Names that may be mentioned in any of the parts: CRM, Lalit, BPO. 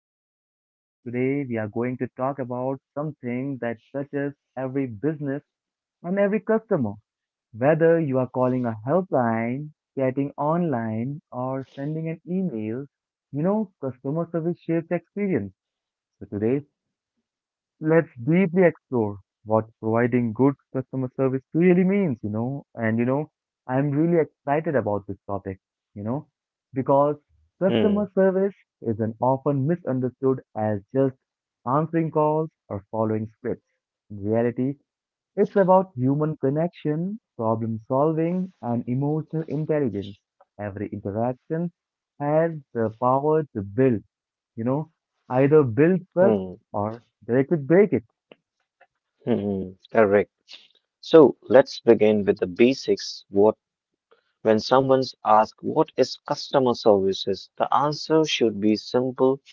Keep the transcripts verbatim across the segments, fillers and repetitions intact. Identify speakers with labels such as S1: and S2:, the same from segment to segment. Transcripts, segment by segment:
S1: to our podcast. Today, we are going to talk about something that touches every business and every customer. Whether you are calling a helpline, chatting online, or sending an email, you know, customer service shapes experience. So, today's Let's deeply explore what providing good customer service really means, you know. And you know, I'm really excited about this topic, you know, because
S2: Hmm,
S1: customer service is an often misunderstood as just answering calls or following scripts. In reality, it's about human connection, problem solving, and emotional intelligence. Every interaction has the power to build, you know, either build trust
S2: hmm,
S1: or they could break it.
S2: hmm, hmm, correct. So let's begin with the basics. What when someone's asked what is customer services, the answer should be simple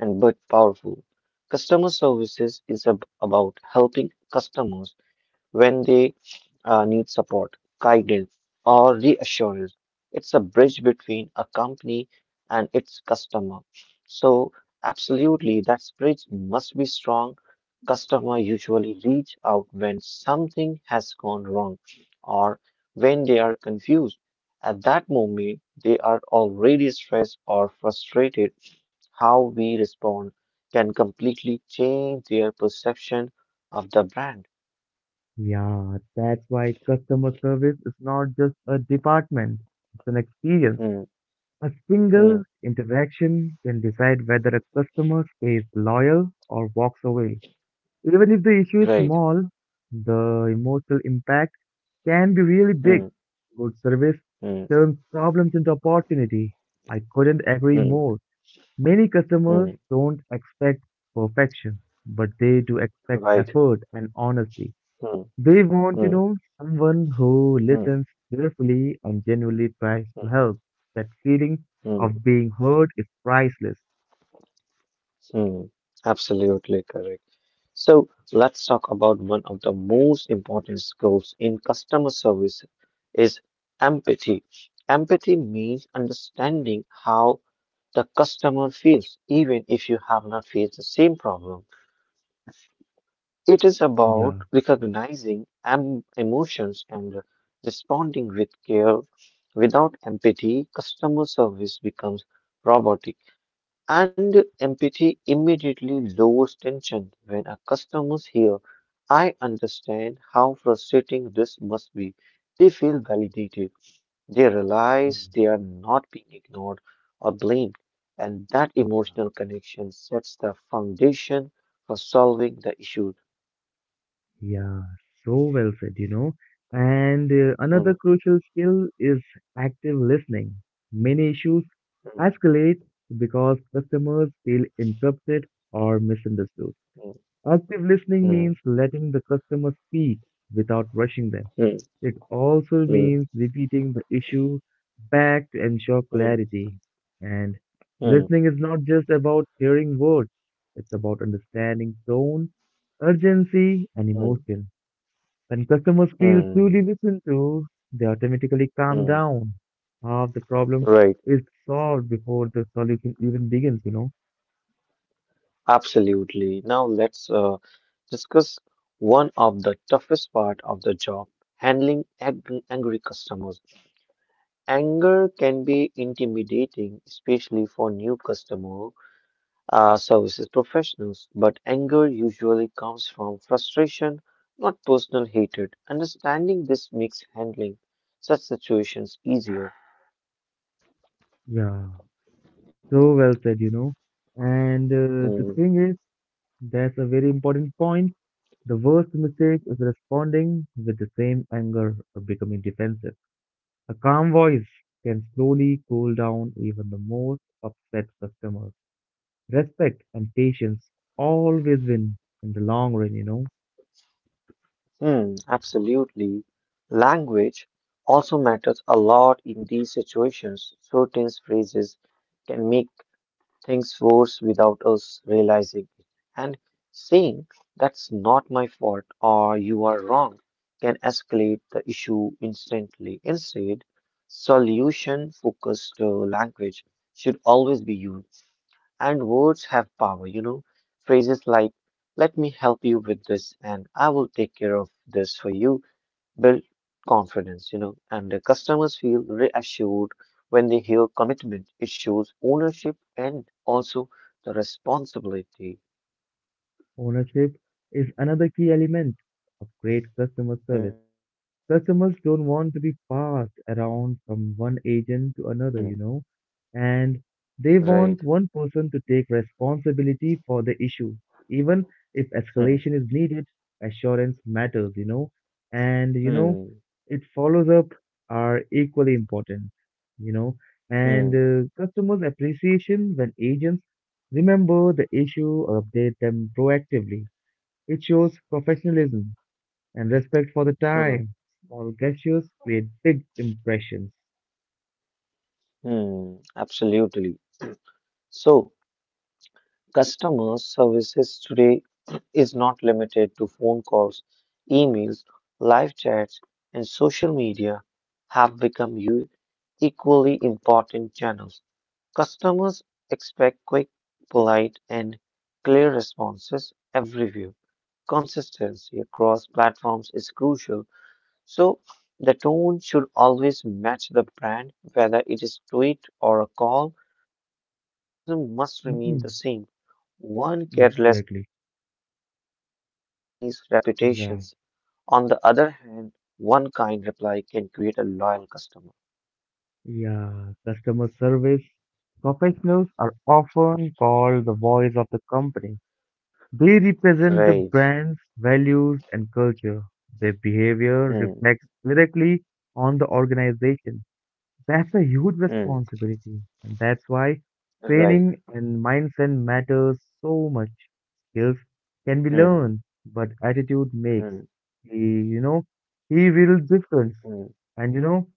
S2: and but powerful. Customer services is ab- about helping customers when they uh, need support, guidance, or reassurance. It's a bridge between a company and its customer. So, absolutely, that bridge must be strong. Customer usually reach out when something has gone wrong or when they are confused. At that moment, they are already stressed or frustrated. How we respond can completely change their perception of the brand.
S1: Yeah, that's why customer service is not just a department, it's an experience.
S2: Mm,
S1: A single
S2: mm.
S1: interaction can decide whether a customer stays loyal or walks away. Even if the issue is
S2: Right.
S1: small, the emotional impact can be really big.
S2: Hmm.
S1: Good service
S2: Hmm.
S1: turns problems into opportunity. I couldn't agree
S2: Hmm.
S1: more. Many customers
S2: Hmm.
S1: don't expect perfection, but they do expect
S2: Right.
S1: effort and honesty.
S2: Hmm.
S1: They want, you
S2: Hmm.
S1: know, someone who
S2: Hmm.
S1: listens carefully and genuinely tries
S2: Hmm.
S1: to help. That feeling
S2: Hmm.
S1: of being heard is priceless.
S2: mm. Absolutely correct. So let's talk about one of the most important skills in customer service is empathy. Empathy means understanding how the customer feels, even if you have not faced the same problem. It is about
S1: Yeah,
S2: recognizing em- emotions and responding with care. Without empathy, customer service becomes robotic, and empathy immediately lowers tension. When our customers hear, I understand how frustrating this must be, they feel validated. They realize
S1: yeah,
S2: they are not being ignored or blamed, and that
S1: yeah.
S2: emotional connection sets the foundation for solving the issue.
S1: Yeah, so well said, you know. And uh,
S2: Mm,
S1: another crucial skill is active listening. Many issues
S2: mm.
S1: escalate because customers feel interrupted or misunderstood.
S2: Mm,
S1: Active listening means
S2: mm,
S1: letting the customer speak without rushing them. It also
S2: mm,
S1: means repeating the issue back to ensure
S2: mm,
S1: clarity. And
S2: mm,
S1: listening is not just about hearing words, it's about understanding tone, urgency, and
S2: mm,
S1: emotion. When customers feel truly
S2: mm,
S1: listened to, they automatically calm
S2: mm.
S1: down. Half the problem
S2: Right,
S1: is solved before the solution even begins, you know.
S2: absolutely. Now let's uh, discuss one of the toughest part of the job, handling angry, angry customer. Anger can be intimidating, especially for new customer uh, services professionals, but anger usually comes from frustration, not personal hatred. Understanding this makes handling such situations easier.
S1: Yeah, so well said, you know. And uh, the
S2: Mm-hmm.
S1: thing is, that's a very important point. The worst mistake is responding with the same anger or becoming defensive. A calm voice can slowly cool down even the most upset customers. Respect and patience always win in the long run, you know.
S2: Hmm, absolutely. Language also matters a lot in these situations. Certain phrases can make things worse without us realizing it. And saying, that's not my fault or you are wrong, can escalate the issue instantly. Instead, solution-focused uh, language should always be used. And words have power, you know. Phrases like, let me help you with this and I will take care of this for you build confidence, you know. And the customers feel reassured when they hear commitment. It shows ownership and also the responsibility.
S1: Ownership is another key element of great customer service.
S2: Hmm,
S1: Customers don't want to be passed around from one agent to
S2: hmm,
S1: another, you know, and they
S2: right.
S1: want one person to take responsibility for the issue. Even if
S2: Hmm,
S1: escalation is needed, assurance matters, you know, and you know,
S2: hmm,
S1: it follows up are equally important, you know, and
S2: hmm,
S1: uh, customers' appreciation when agents remember the issue or update them proactively it shows professionalism and respect for the
S2: hmm,
S1: time. Small gestures create big impressions.
S2: hmm, absolutely. So, customer services today is not limited to phone calls, emails, live chats, and social media have become u- equally important channels. Customers expect quick, polite, and clear responses everywhere. Consistency across platforms is crucial so the tone should always match the brand, whether it is tweet or a call. Professionalism must remain the
S1: hmm
S2: same. One careless
S1: Exactly.
S2: reply can damage a company's
S1: Yeah.
S2: reputations. On the other hand, one kind reply can create a loyal customer.
S1: Yeah. Customer service professionals are often called the voice of the company. They represent the
S2: Right.
S1: brand's values and culture. Their behavior
S2: Hmm.
S1: reflects directly on the organization. That's a huge
S2: Hmm.
S1: responsibility, and that's why
S2: Right.
S1: training and mindset matters so much. Skills can be
S2: Hmm.
S1: learned, but attitude makes
S2: Hmm.
S1: a you know a real difference.
S2: Hmm.
S1: And you know,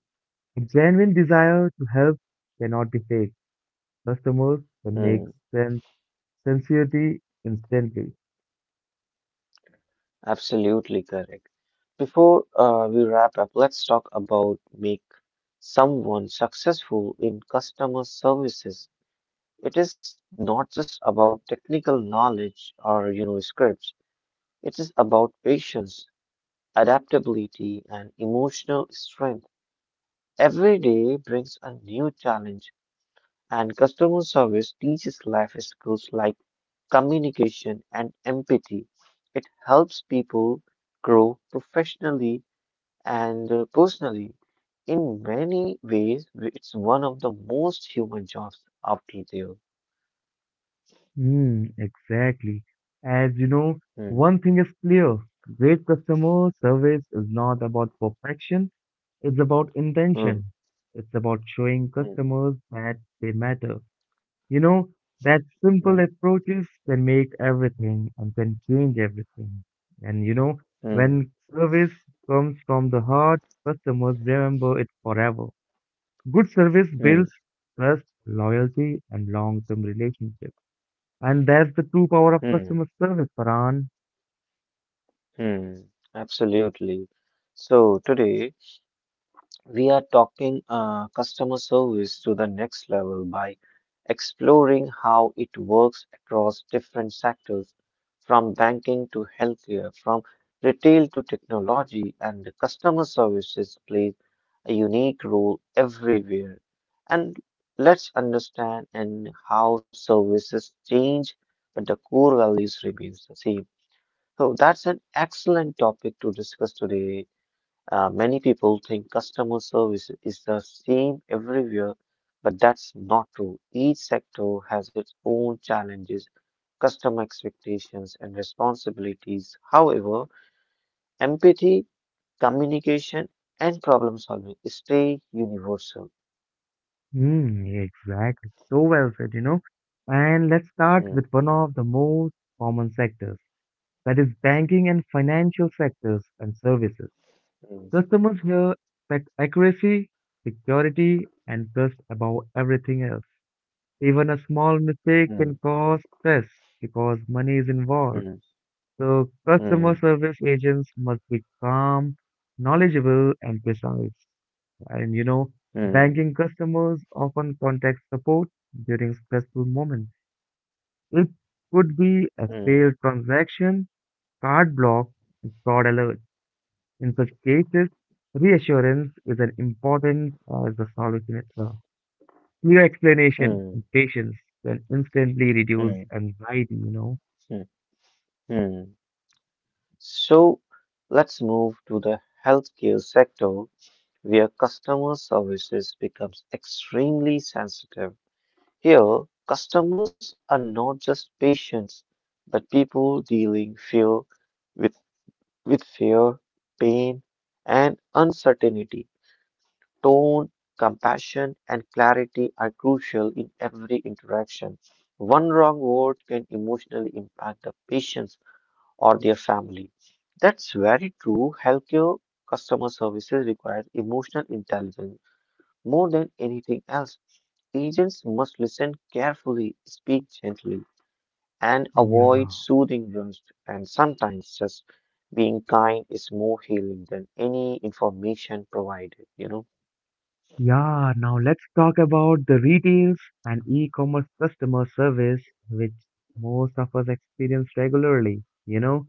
S1: a genuine desire to help cannot be fake. Customers can make
S2: Hmm.
S1: sense sincerity instantly.
S2: Absolutely correct. Before uh, we wrap up, let's talk about make someone successful in customer services. It is not just about technical knowledge or you know scripts. It is about patience, adaptability, and emotional strength. Every day brings a new challenge, and customer service teaches life skills like communication and empathy. It helps people grow professionally And uh, personally, in many ways, w- it's one of the most human jobs out there.
S1: Hmm, exactly. As you know,
S2: Hmm,
S1: one thing is clear, great customer service is not about perfection. It's about
S2: hmm,
S1: intention. It's about showing
S2: hmm,
S1: customers that they matter. You know, that simple
S2: hmm,
S1: approaches can make everything and can change everything. And you know,
S2: hmm,
S1: when service comes from the heart, customers remember it forever. Good service builds
S2: hmm,
S1: trust, loyalty, and long-term relationships. And that's the true power of
S2: hmm,
S1: customer service, Paran.
S2: hmm. Absolutely. So today, we are talking uh, customer service to the next level by exploring how it works across different sectors, from banking to healthcare, from retail to technology, and the customer services plays a unique role everywhere. And let's understand and how services change, but the core values remains the same. So that's an excellent topic to discuss today. Uh, many people think customer service is the same everywhere, but that's not true. Each sector has its own challenges, customer expectations, and responsibilities. However, empathy, communication, and problem solving stay universal.
S1: Hmm, exactly. So well said, you know. And let's start
S2: Mm,
S1: with one of the most common sectors that is banking and financial sectors and services.
S2: mm,
S1: Customers here expect accuracy, security, and trust above everything else. Even a small mistake
S2: mm,
S1: can cause stress because money is involved.
S2: mm,
S1: So, customer
S2: mm,
S1: service agents must be calm, knowledgeable, and precise. And you know,
S2: mm,
S1: banking customers often contact support during stressful moments. It could be a
S2: mm,
S1: failed transaction, card block, and fraud alert. In such cases, reassurance is as important as the solution itself. Clear explanation
S2: mm,
S1: and patience can instantly reduce
S2: mm,
S1: anxiety, you know.
S2: mm, mm. So let's move to the healthcare sector where customer services becomes extremely sensitive. Here, customers are not just patients, but people dealing fear with, with fear, pain, and uncertainty. Tone, compassion, and clarity are crucial in every interaction. One wrong word can emotionally impact the patients or their family. That's very true. Healthcare customer services requires emotional intelligence more than anything else, agents must listen carefully, speak gently, and avoid
S1: Yeah.
S2: soothing words. And sometimes just being kind is more healing than any information provided, you know?
S1: Yeah, now let's talk about the retails and e-commerce customer service, which most of us experience regularly. You know,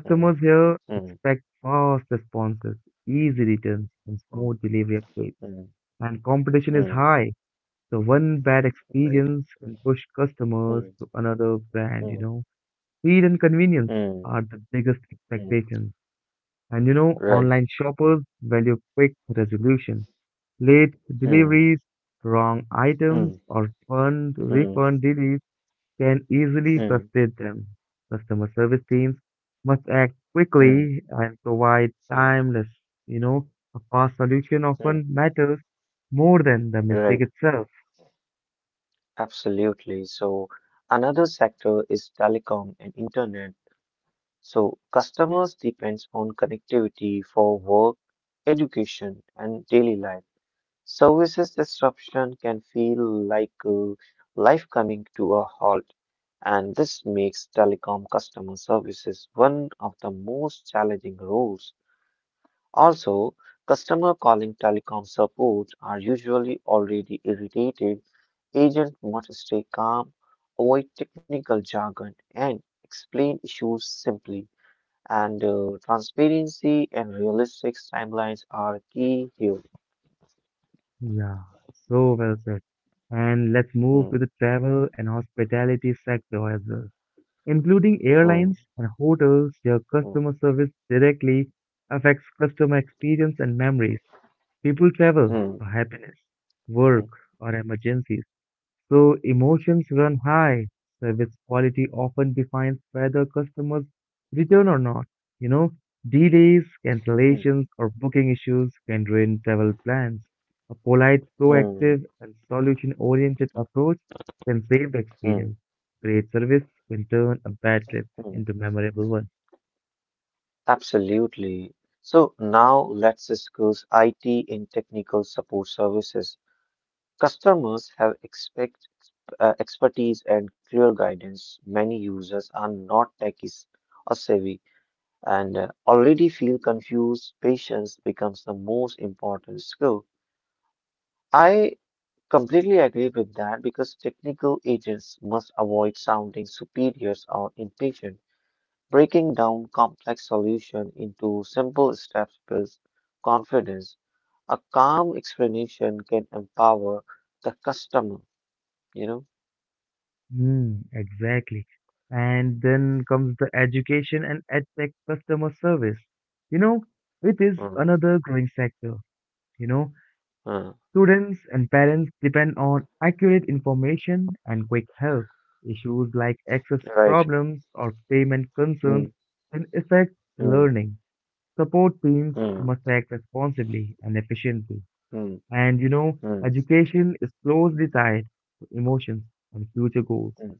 S2: Mm,
S1: here
S2: mm,
S1: expect fast responses, easy returns, and
S2: mm,
S1: smooth delivery updates
S2: mm,
S1: and competition is
S2: mm,
S1: high. So one bad
S2: right.
S1: experience can push customers
S2: Mm,
S1: to another brand,
S2: mm,
S1: you know. Speed and convenience
S2: mm,
S1: are the biggest
S2: mm,
S1: expectations. And you know,
S2: right.
S1: online shoppers value quick resolution. Late
S2: Mm,
S1: deliveries, wrong
S2: mm,
S1: items, or fund
S2: mm,
S1: refund delays can easily
S2: mm,
S1: frustrate them. Customer service teams must act
S2: mm,
S1: quickly and provide
S2: mm,
S1: timeless, you know, a fast solution
S2: mm,
S1: often matters more than the
S2: right.
S1: mistake itself.
S2: Absolutely. So, another sector is telecom and internet. So customers depends on connectivity for work, education, and daily life. Services disruption can feel like uh, life coming to a halt, and this makes telecom customer services one of the most challenging roles. Also, customer calling telecom support are usually already irritated. Agent must stay calm, avoid technical jargon, and explain issues simply and uh, transparency and realistic timelines are key here.
S1: Yeah, so well said. And let's move to
S2: Mm,
S1: the travel and hospitality sector as well, including
S2: mm,
S1: airlines and hotels. Their
S2: mm,
S1: customer service directly affects customer experience and memories. People travel
S2: mm,
S1: for happiness,
S2: mm,
S1: work, or emergencies. So emotions run high. Service quality often defines whether customers return or not. You know, delays,
S2: mm,
S1: cancellations, or booking issues can ruin travel plans. A polite,
S2: mm,
S1: proactive, and solution-oriented approach can save the experience.
S2: mm,
S1: Great service can turn a bad trip
S2: mm.
S1: into memorable one.
S2: Absolutely. So now let's discuss I T in technical support services. Customers have expect uh, expertise and clear guidance. Many users are not techies or savvy and uh, already feel confused. Patience becomes the most important skill. I Completely agree with that because technical agents must avoid sounding superiors or impatient. Breaking down complex solution into simple steps builds confidence. A calm explanation can empower the customer, you know?
S1: Hmm, exactly. And then comes the education and edtech customer service. You know, it is
S2: Mm,
S1: another growing sector. You know,
S2: mm,
S1: students and parents depend on accurate information and quick help. Issues like access
S2: right.
S1: problems or payment
S2: Mm,
S1: concerns can affect
S2: mm,
S1: learning. Support teams
S2: mm,
S1: must act responsibly and efficiently.
S2: mm,
S1: And you know,
S2: mm,
S1: education is closely tied to emotions and future goals.
S2: mm,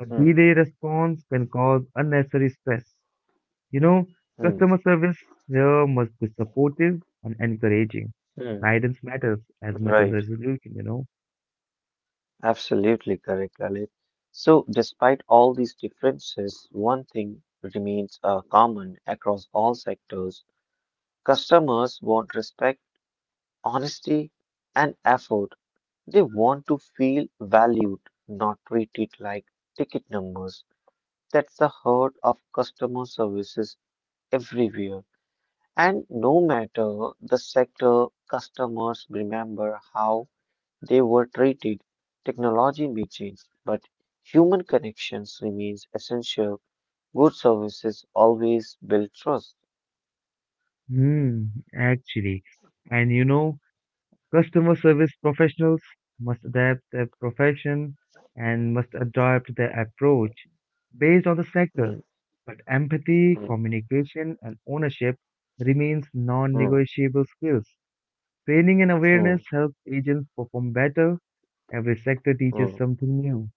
S1: A
S2: mm,
S1: delayed response can cause unnecessary stress. You know, customer service here must be supportive and encouraging.
S2: mm,
S1: Guidance matters as
S2: mm,
S1: much as
S2: right.
S1: resolution, you know.
S2: Absolutely correct, Lalit. So, despite all these differences, one thing remains uh, common across all sectors. Customers want respect, honesty, and effort. They want to feel valued, not treated like ticket numbers. That's the heart of customer services everywhere. And no matter the sector, customers remember how they were treated. Technology may change, but human connections remains essential. Good services always build trust.
S1: Hmm, actually. And you know, customer service professionals must adapt their profession and must adapt their approach based on the sector.
S2: Mm,
S1: But empathy,
S2: mm,
S1: communication, and ownership remains
S2: mm,
S1: non-negotiable skills. Training and awareness
S2: mm,
S1: help agents perform better. Every sector teaches
S2: mm,
S1: something new.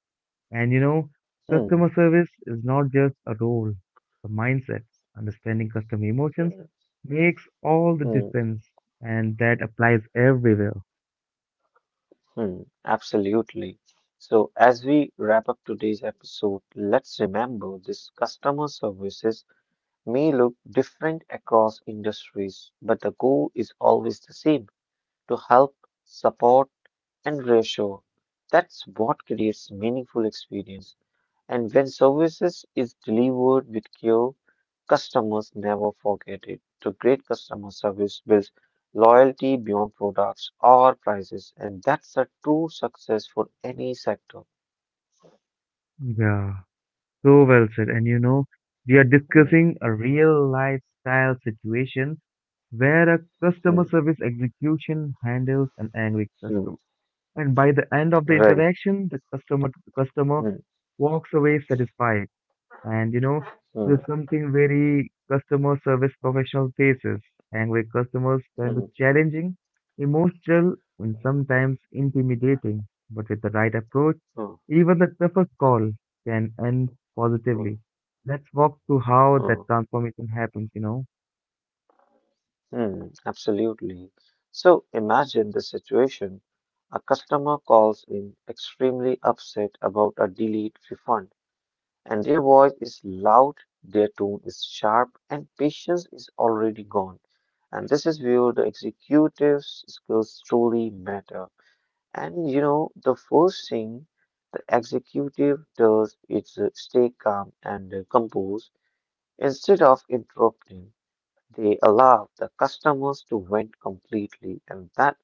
S1: And you know,
S2: mm,
S1: customer service is not just a role, the mindset. Understanding customer emotions
S2: mm,
S1: makes all the
S2: mm,
S1: difference, and that applies everywhere.
S2: mm. Absolutely. So, as we wrap up today's episode, let's remember this customer services may look different across industries, but the goal is always the same to help, support, and ratio. That's what creates meaningful experience. And when services is delivered with care, customers never forget it. So great customer service builds loyalty beyond products or prices, and that's a true success for any sector.
S1: Yeah, so well said. And you know, we are
S2: Mm,
S1: discussing a real lifestyle situation where a
S2: mm,
S1: customer service execution handles an angry
S2: mm.
S1: customer. And by the end of the
S2: Right.
S1: interaction, the customer customer
S2: Mm,
S1: walks away satisfied. And you know,
S2: mm,
S1: there's something very customer service professional faces, and where customers can be
S2: mm,
S1: challenging, emotional, and sometimes intimidating. But with the right approach,
S2: mm,
S1: even the toughest call can end
S2: mm,
S1: positively. Let's walk through how that
S2: mm,
S1: transformation happens, you know.
S2: Hmm, absolutely. So imagine the situation. A customer calls in extremely upset about a delayed refund, and their voice is loud, their tone is sharp, and patience is already gone. And this is where the executive's skills truly matter. And you know, the first thing the executive does is uh, stay calm and uh, composed instead of interrupting. They allow the customers to vent completely, and that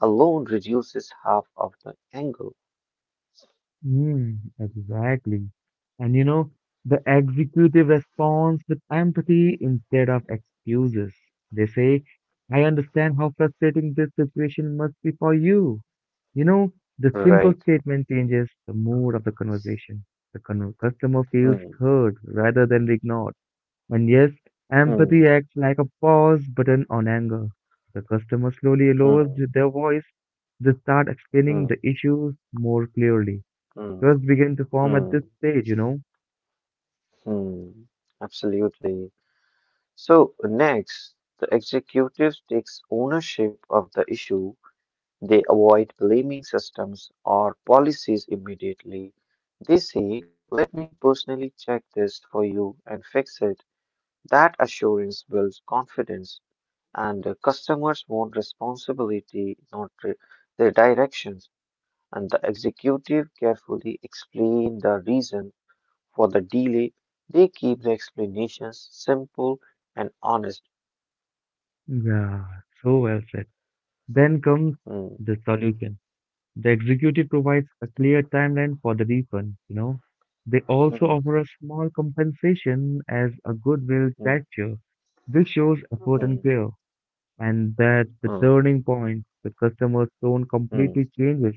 S2: alone reduces half of the angle.
S1: Mm, exactly. And you know, the executive responds with empathy instead of excuses. They say, I understand how frustrating this situation must be for you. You know, the
S2: Right.
S1: simple statement changes the mood of the conversation. The con- customer
S2: Hmm.
S1: feels heard rather than ignored. And yes,
S2: Hmm.
S1: empathy acts like a pause button on anger. The customer slowly lowers
S2: Hmm.
S1: their voice. They start
S2: Hmm.
S1: explaining the issues more clearly.
S2: Hmm.
S1: Trust began to form at
S2: Hmm.
S1: this stage, you know.
S2: Hmm. Absolutely. So next, the executive takes ownership of the issue. They avoid blaming systems or policies immediately. They say, let me personally check this for you and fix it. That assurance builds confidence. And the customers want responsibility, not re- the directions. And the executive carefully explain the reason for the delay. They keep the explanations simple and honest.
S1: Yeah, so well said. Then comes
S2: Hmm,
S1: the solution. The executive provides a clear timeline for the refund, you know. They also
S2: hmm,
S1: offer a small compensation as a goodwill
S2: hmm,
S1: gesture. This shows effort and
S2: hmm,
S1: care, and that's the
S2: hmm,
S1: turning point. The customer's tone
S2: hmm,
S1: completely changes.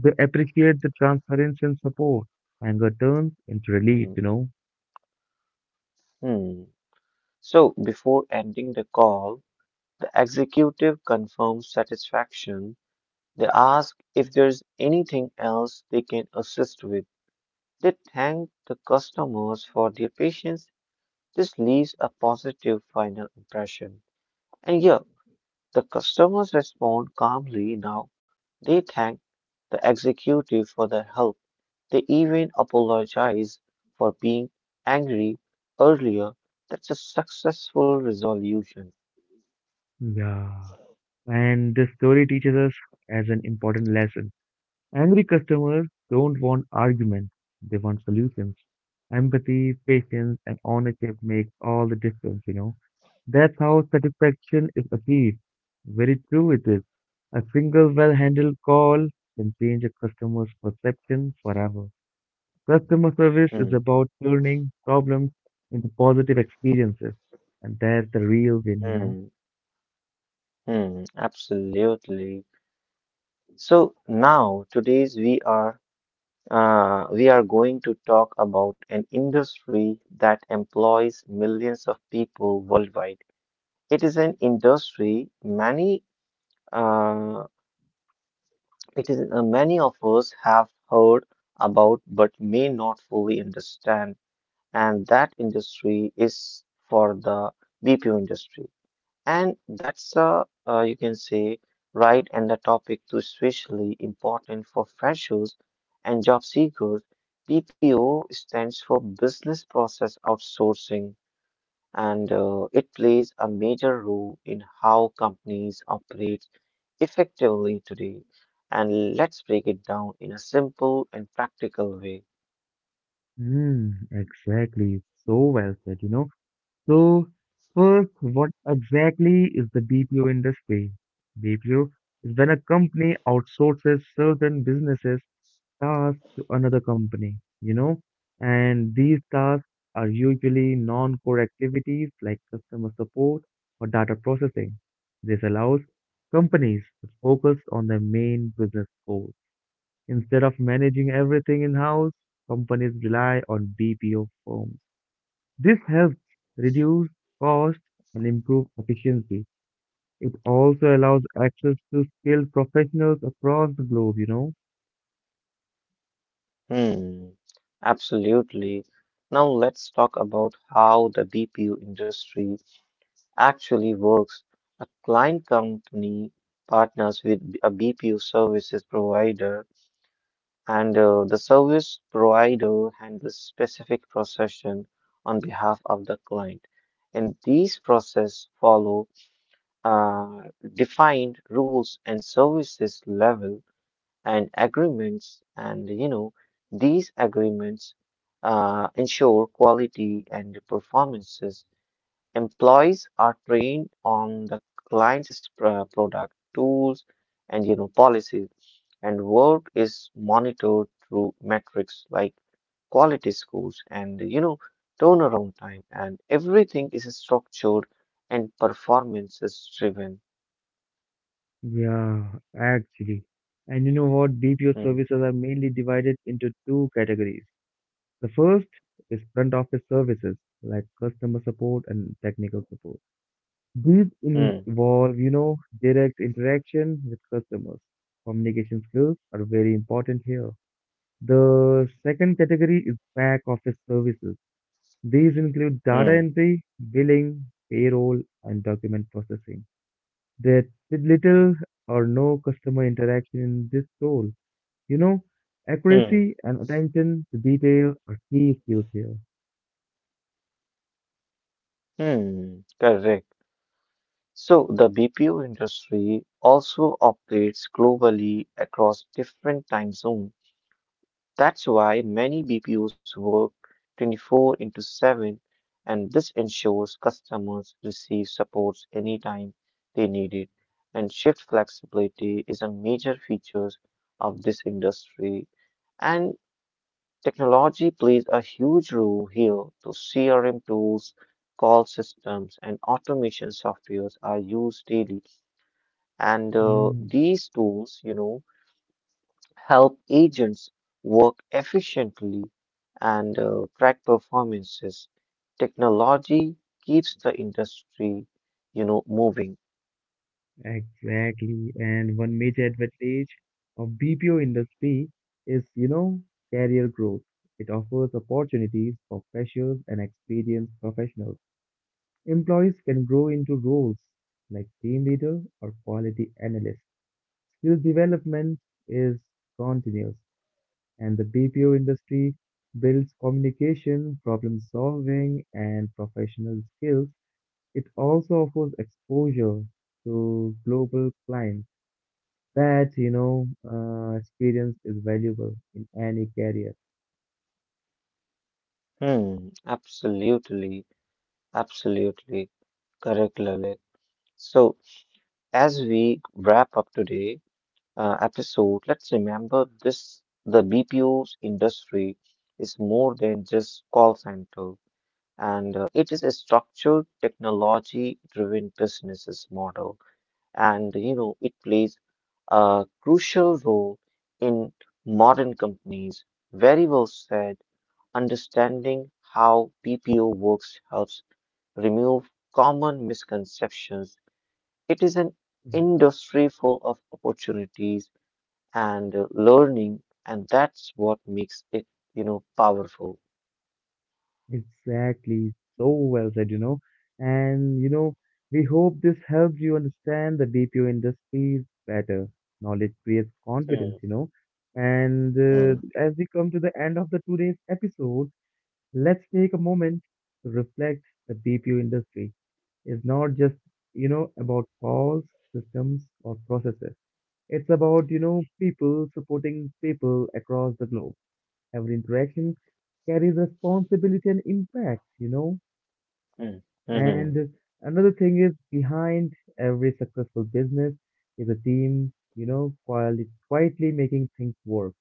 S1: They appreciate the transparency and support. Anger turns into relief,
S2: hmm,
S1: you know.
S2: hmm. So, before ending the call, the executive confirms satisfaction. They ask if there's anything else they can assist with. They thank the customers for their patience. This leaves a positive final impression. And yeah, the customers respond calmly now. They thank the executive for their help. They even apologize for being angry earlier. That's a successful resolution.
S1: Yeah. And this story teaches us as an important lesson. Angry customers don't want arguments, they want solutions. Empathy, patience, and ownership make all the difference, you know. That's how satisfaction is achieved. Very true it is. A single well-handled call can change a customer's perception forever. Customer service is
S2: Hmm,
S1: about turning problems into positive experiences, and that's the real win, you know.
S2: hmm, hmm, absolutely. So now today's we are uh, we are going to talk about an industry that employs millions of people worldwide. It is an industry many uh, it is uh, many of us have heard about but may not fully understand, and that industry is for the B P O industry, and that's uh, uh, you can say right and the topic to especially important for freshers and job seekers. B P O stands for Business Process Outsourcing and uh, it plays a major role in how companies operate effectively today. And let's break it down in a simple and practical way.
S1: Hmm, exactly. So well said, you know. So, first, what exactly is the B P O industry? B P O is when a company outsources certain businesses tasks to another company, you know, and these tasks are usually non-core activities like customer support or data processing. This allows companies to focus on their main business goals. Instead of managing everything in house, companies rely on B P O firms. This helps reduce costs and improve efficiency. It also allows access to skilled professionals across the globe, you know?
S2: Hmm, absolutely. Now let's talk about how the B P O industry actually works. A client company partners with a B P O services provider, and uh, the service provider handles specific procession on behalf of the client. And these process follow uh, defined rules and services level and agreements and you know these agreements uh, ensure quality and performances employees are trained on the client's pr- product tools and you know policies and work is monitored through metrics like quality scores and you know turnaround time and everything is structured and performance is driven.
S1: Yeah, actually. And you know what? B P O
S2: Hmm.
S1: services are mainly divided into two categories. The first is front office services like customer support and technical support. These
S2: Mm,
S1: involve, you know, direct interaction with customers. Communication skills are very important here. The second category is back office services. These include data
S2: mm,
S1: entry, billing, payroll, and document processing. There's little or no customer interaction in this role. You know,
S2: mm,
S1: accuracy and attention to detail are key skills here.
S2: mm. Correct. So the B P O industry also operates globally across different time zones. That's why many B P Os work twenty four into seven, and this ensures customers receive support anytime they need it. And shift flexibility is a major feature of this industry. And technology plays a huge role here. So C R M tools, call systems, and automation softwares are used daily. And uh,
S1: Hmm.
S2: these tools, you know, help agents work efficiently and uh, track performances. Technology keeps the industry, you know, moving.
S1: Exactly. And one major advantage of B P O industry is, you know, career growth. It offers opportunities for freshers and experienced professionals. Employees can grow into roles like team leader or quality analyst. Skill development is continuous, and the B P O industry builds communication, problem solving, and professional skills. It also offers exposure to global clients that, you know, uh, experience is valuable in any career.
S2: Hmm, absolutely, absolutely correct, Lalit. So as we wrap up today, uh, episode, let's remember this the B P O's industry is more than just call center, and uh, it is a structured technology driven businesses model. And you know, it plays a crucial role in modern companies. Very well said. Understanding how B P O works helps remove common misconceptions. It is an
S1: Mhm.
S2: industry full of opportunities and uh, learning, and that's what makes it, you know, powerful.
S1: Exactly. So well said, you know. And, you know, we hope this helps you understand the B P O industry better. Knowledge creates confidence,
S2: Mm,
S1: you know. And uh,
S2: Mm,
S1: as we come to the end of the today's episode, let's take a moment to reflect the B P O industry is not just, you know, about calls, systems, or processes. It's about, you know, people supporting people across the globe. Every interaction carries responsibility and impact, you know.
S2: mm, mm,
S1: And another thing is behind every successful business is a team, you know, quietly, quietly making things work.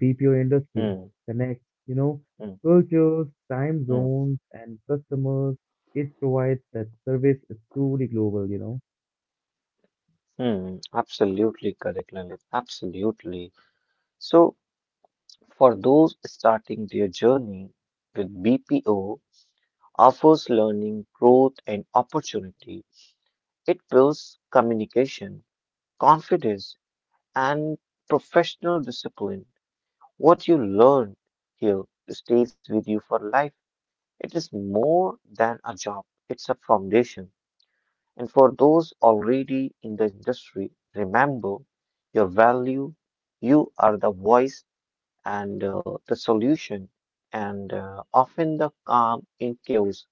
S1: B P O industry
S2: mm,
S1: connects, you know,
S2: mm,
S1: cultures, time
S2: mm,
S1: zones, and customers. It provides that service is truly global, you know.
S2: mm. Absolutely correct, Lalit. Absolutely. So, for those starting their journey with B P O, offers learning, growth, and opportunity. It builds communication, confidence, and professional discipline. What you learn here stays with you for life. It is more than a job, it's a foundation. And for those already in the industry, remember your value. You are the voice and uh, the solution, and uh, often the calm in chaos.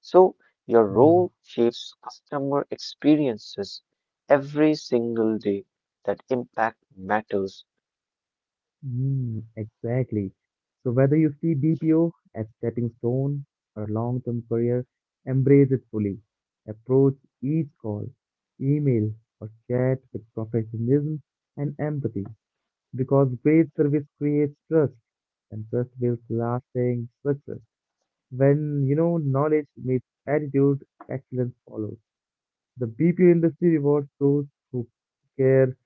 S2: So, your
S1: Yeah.
S2: role shapes customer experiences every single day. That impact matters.
S1: Mm, exactly. So whether you see B P O as stepping stone or a long-term career, embrace it fully. Approach each call, email, or chat with professionalism and empathy because great service creates trust and trust builds lasting success. When you know knowledge meets attitude, excellence follows. The B P O industry rewards those who care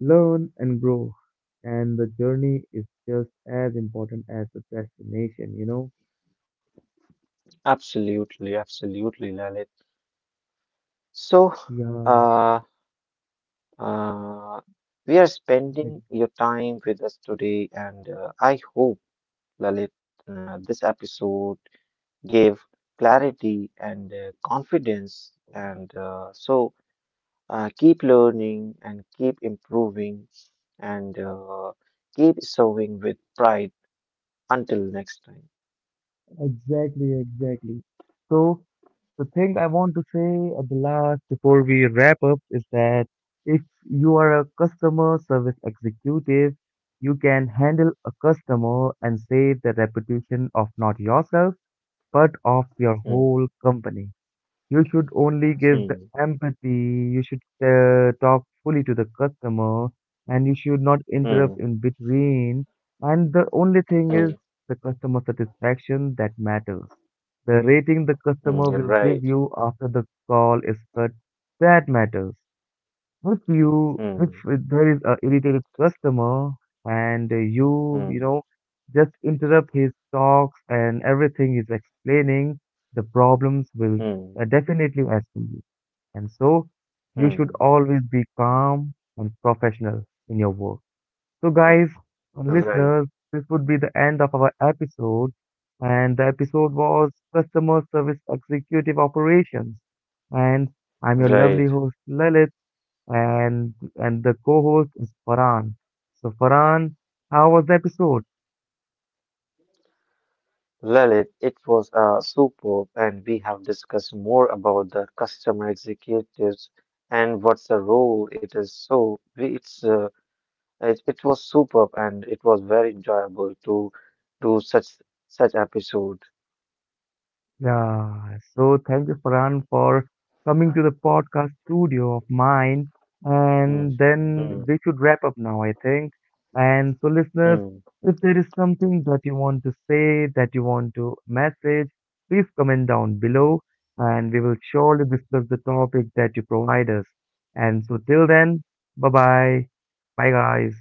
S1: learn and grow. And the journey is just as important as the destination, you know?
S2: Absolutely, absolutely, Lalit. So,
S1: Yeah,
S2: uh, Uh, we are
S1: ex-
S2: spending your time with us today, and uh, I hope, Lalit, uh, this episode gave clarity and uh, confidence. And uh, so uh, keep learning and keep improving and uh, keep serving with pride until next time.
S1: exactly, exactly. So the thing I want to say at the last before we wrap up is that if you are a customer service executive, you can handle a customer and save the reputation of not yourself, but of your
S2: Mm,
S1: whole company. You should only give the
S2: mm,
S1: empathy, you should uh, talk fully to the customer, and you should not interrupt
S2: mm,
S1: in between. And the only thing
S2: mm,
S1: is the customer satisfaction that matters. The rating the
S2: mm,
S1: customer
S2: you're
S1: will
S2: right.
S1: give you after the call is cut, that matters if you if
S2: Mm,
S1: there is a irritated customer and you
S2: mm,
S1: you know just interrupt his talks and everything is explaining the problems will
S2: mm,
S1: uh, definitely escalate and so you should
S2: mm,
S1: always be calm and professional in your work so
S2: mm,
S1: guys and
S2: right,
S1: listeners this would be the end of our episode and the episode was customer service executive operations and I'm your lovely
S2: right.
S1: host Lalit and and the co-host is Farhan. So Farhan, how was the episode?
S2: Lalit, it was uh, superb, and we have discussed more about the customer executives and what's the role it is. So we, it's uh, it, it was superb, and it was very enjoyable to do such such episode.
S1: Yeah, so thank you Farhan for coming to the podcast studio of mine.
S2: Mm,
S1: And then
S2: mm,
S1: we should wrap up now, I think. And so listeners,
S2: mm.
S1: if there is something that you want to say, that you want to message, please comment down below and we will surely discuss the topic that you provide us. And so till then, bye bye. Bye guys.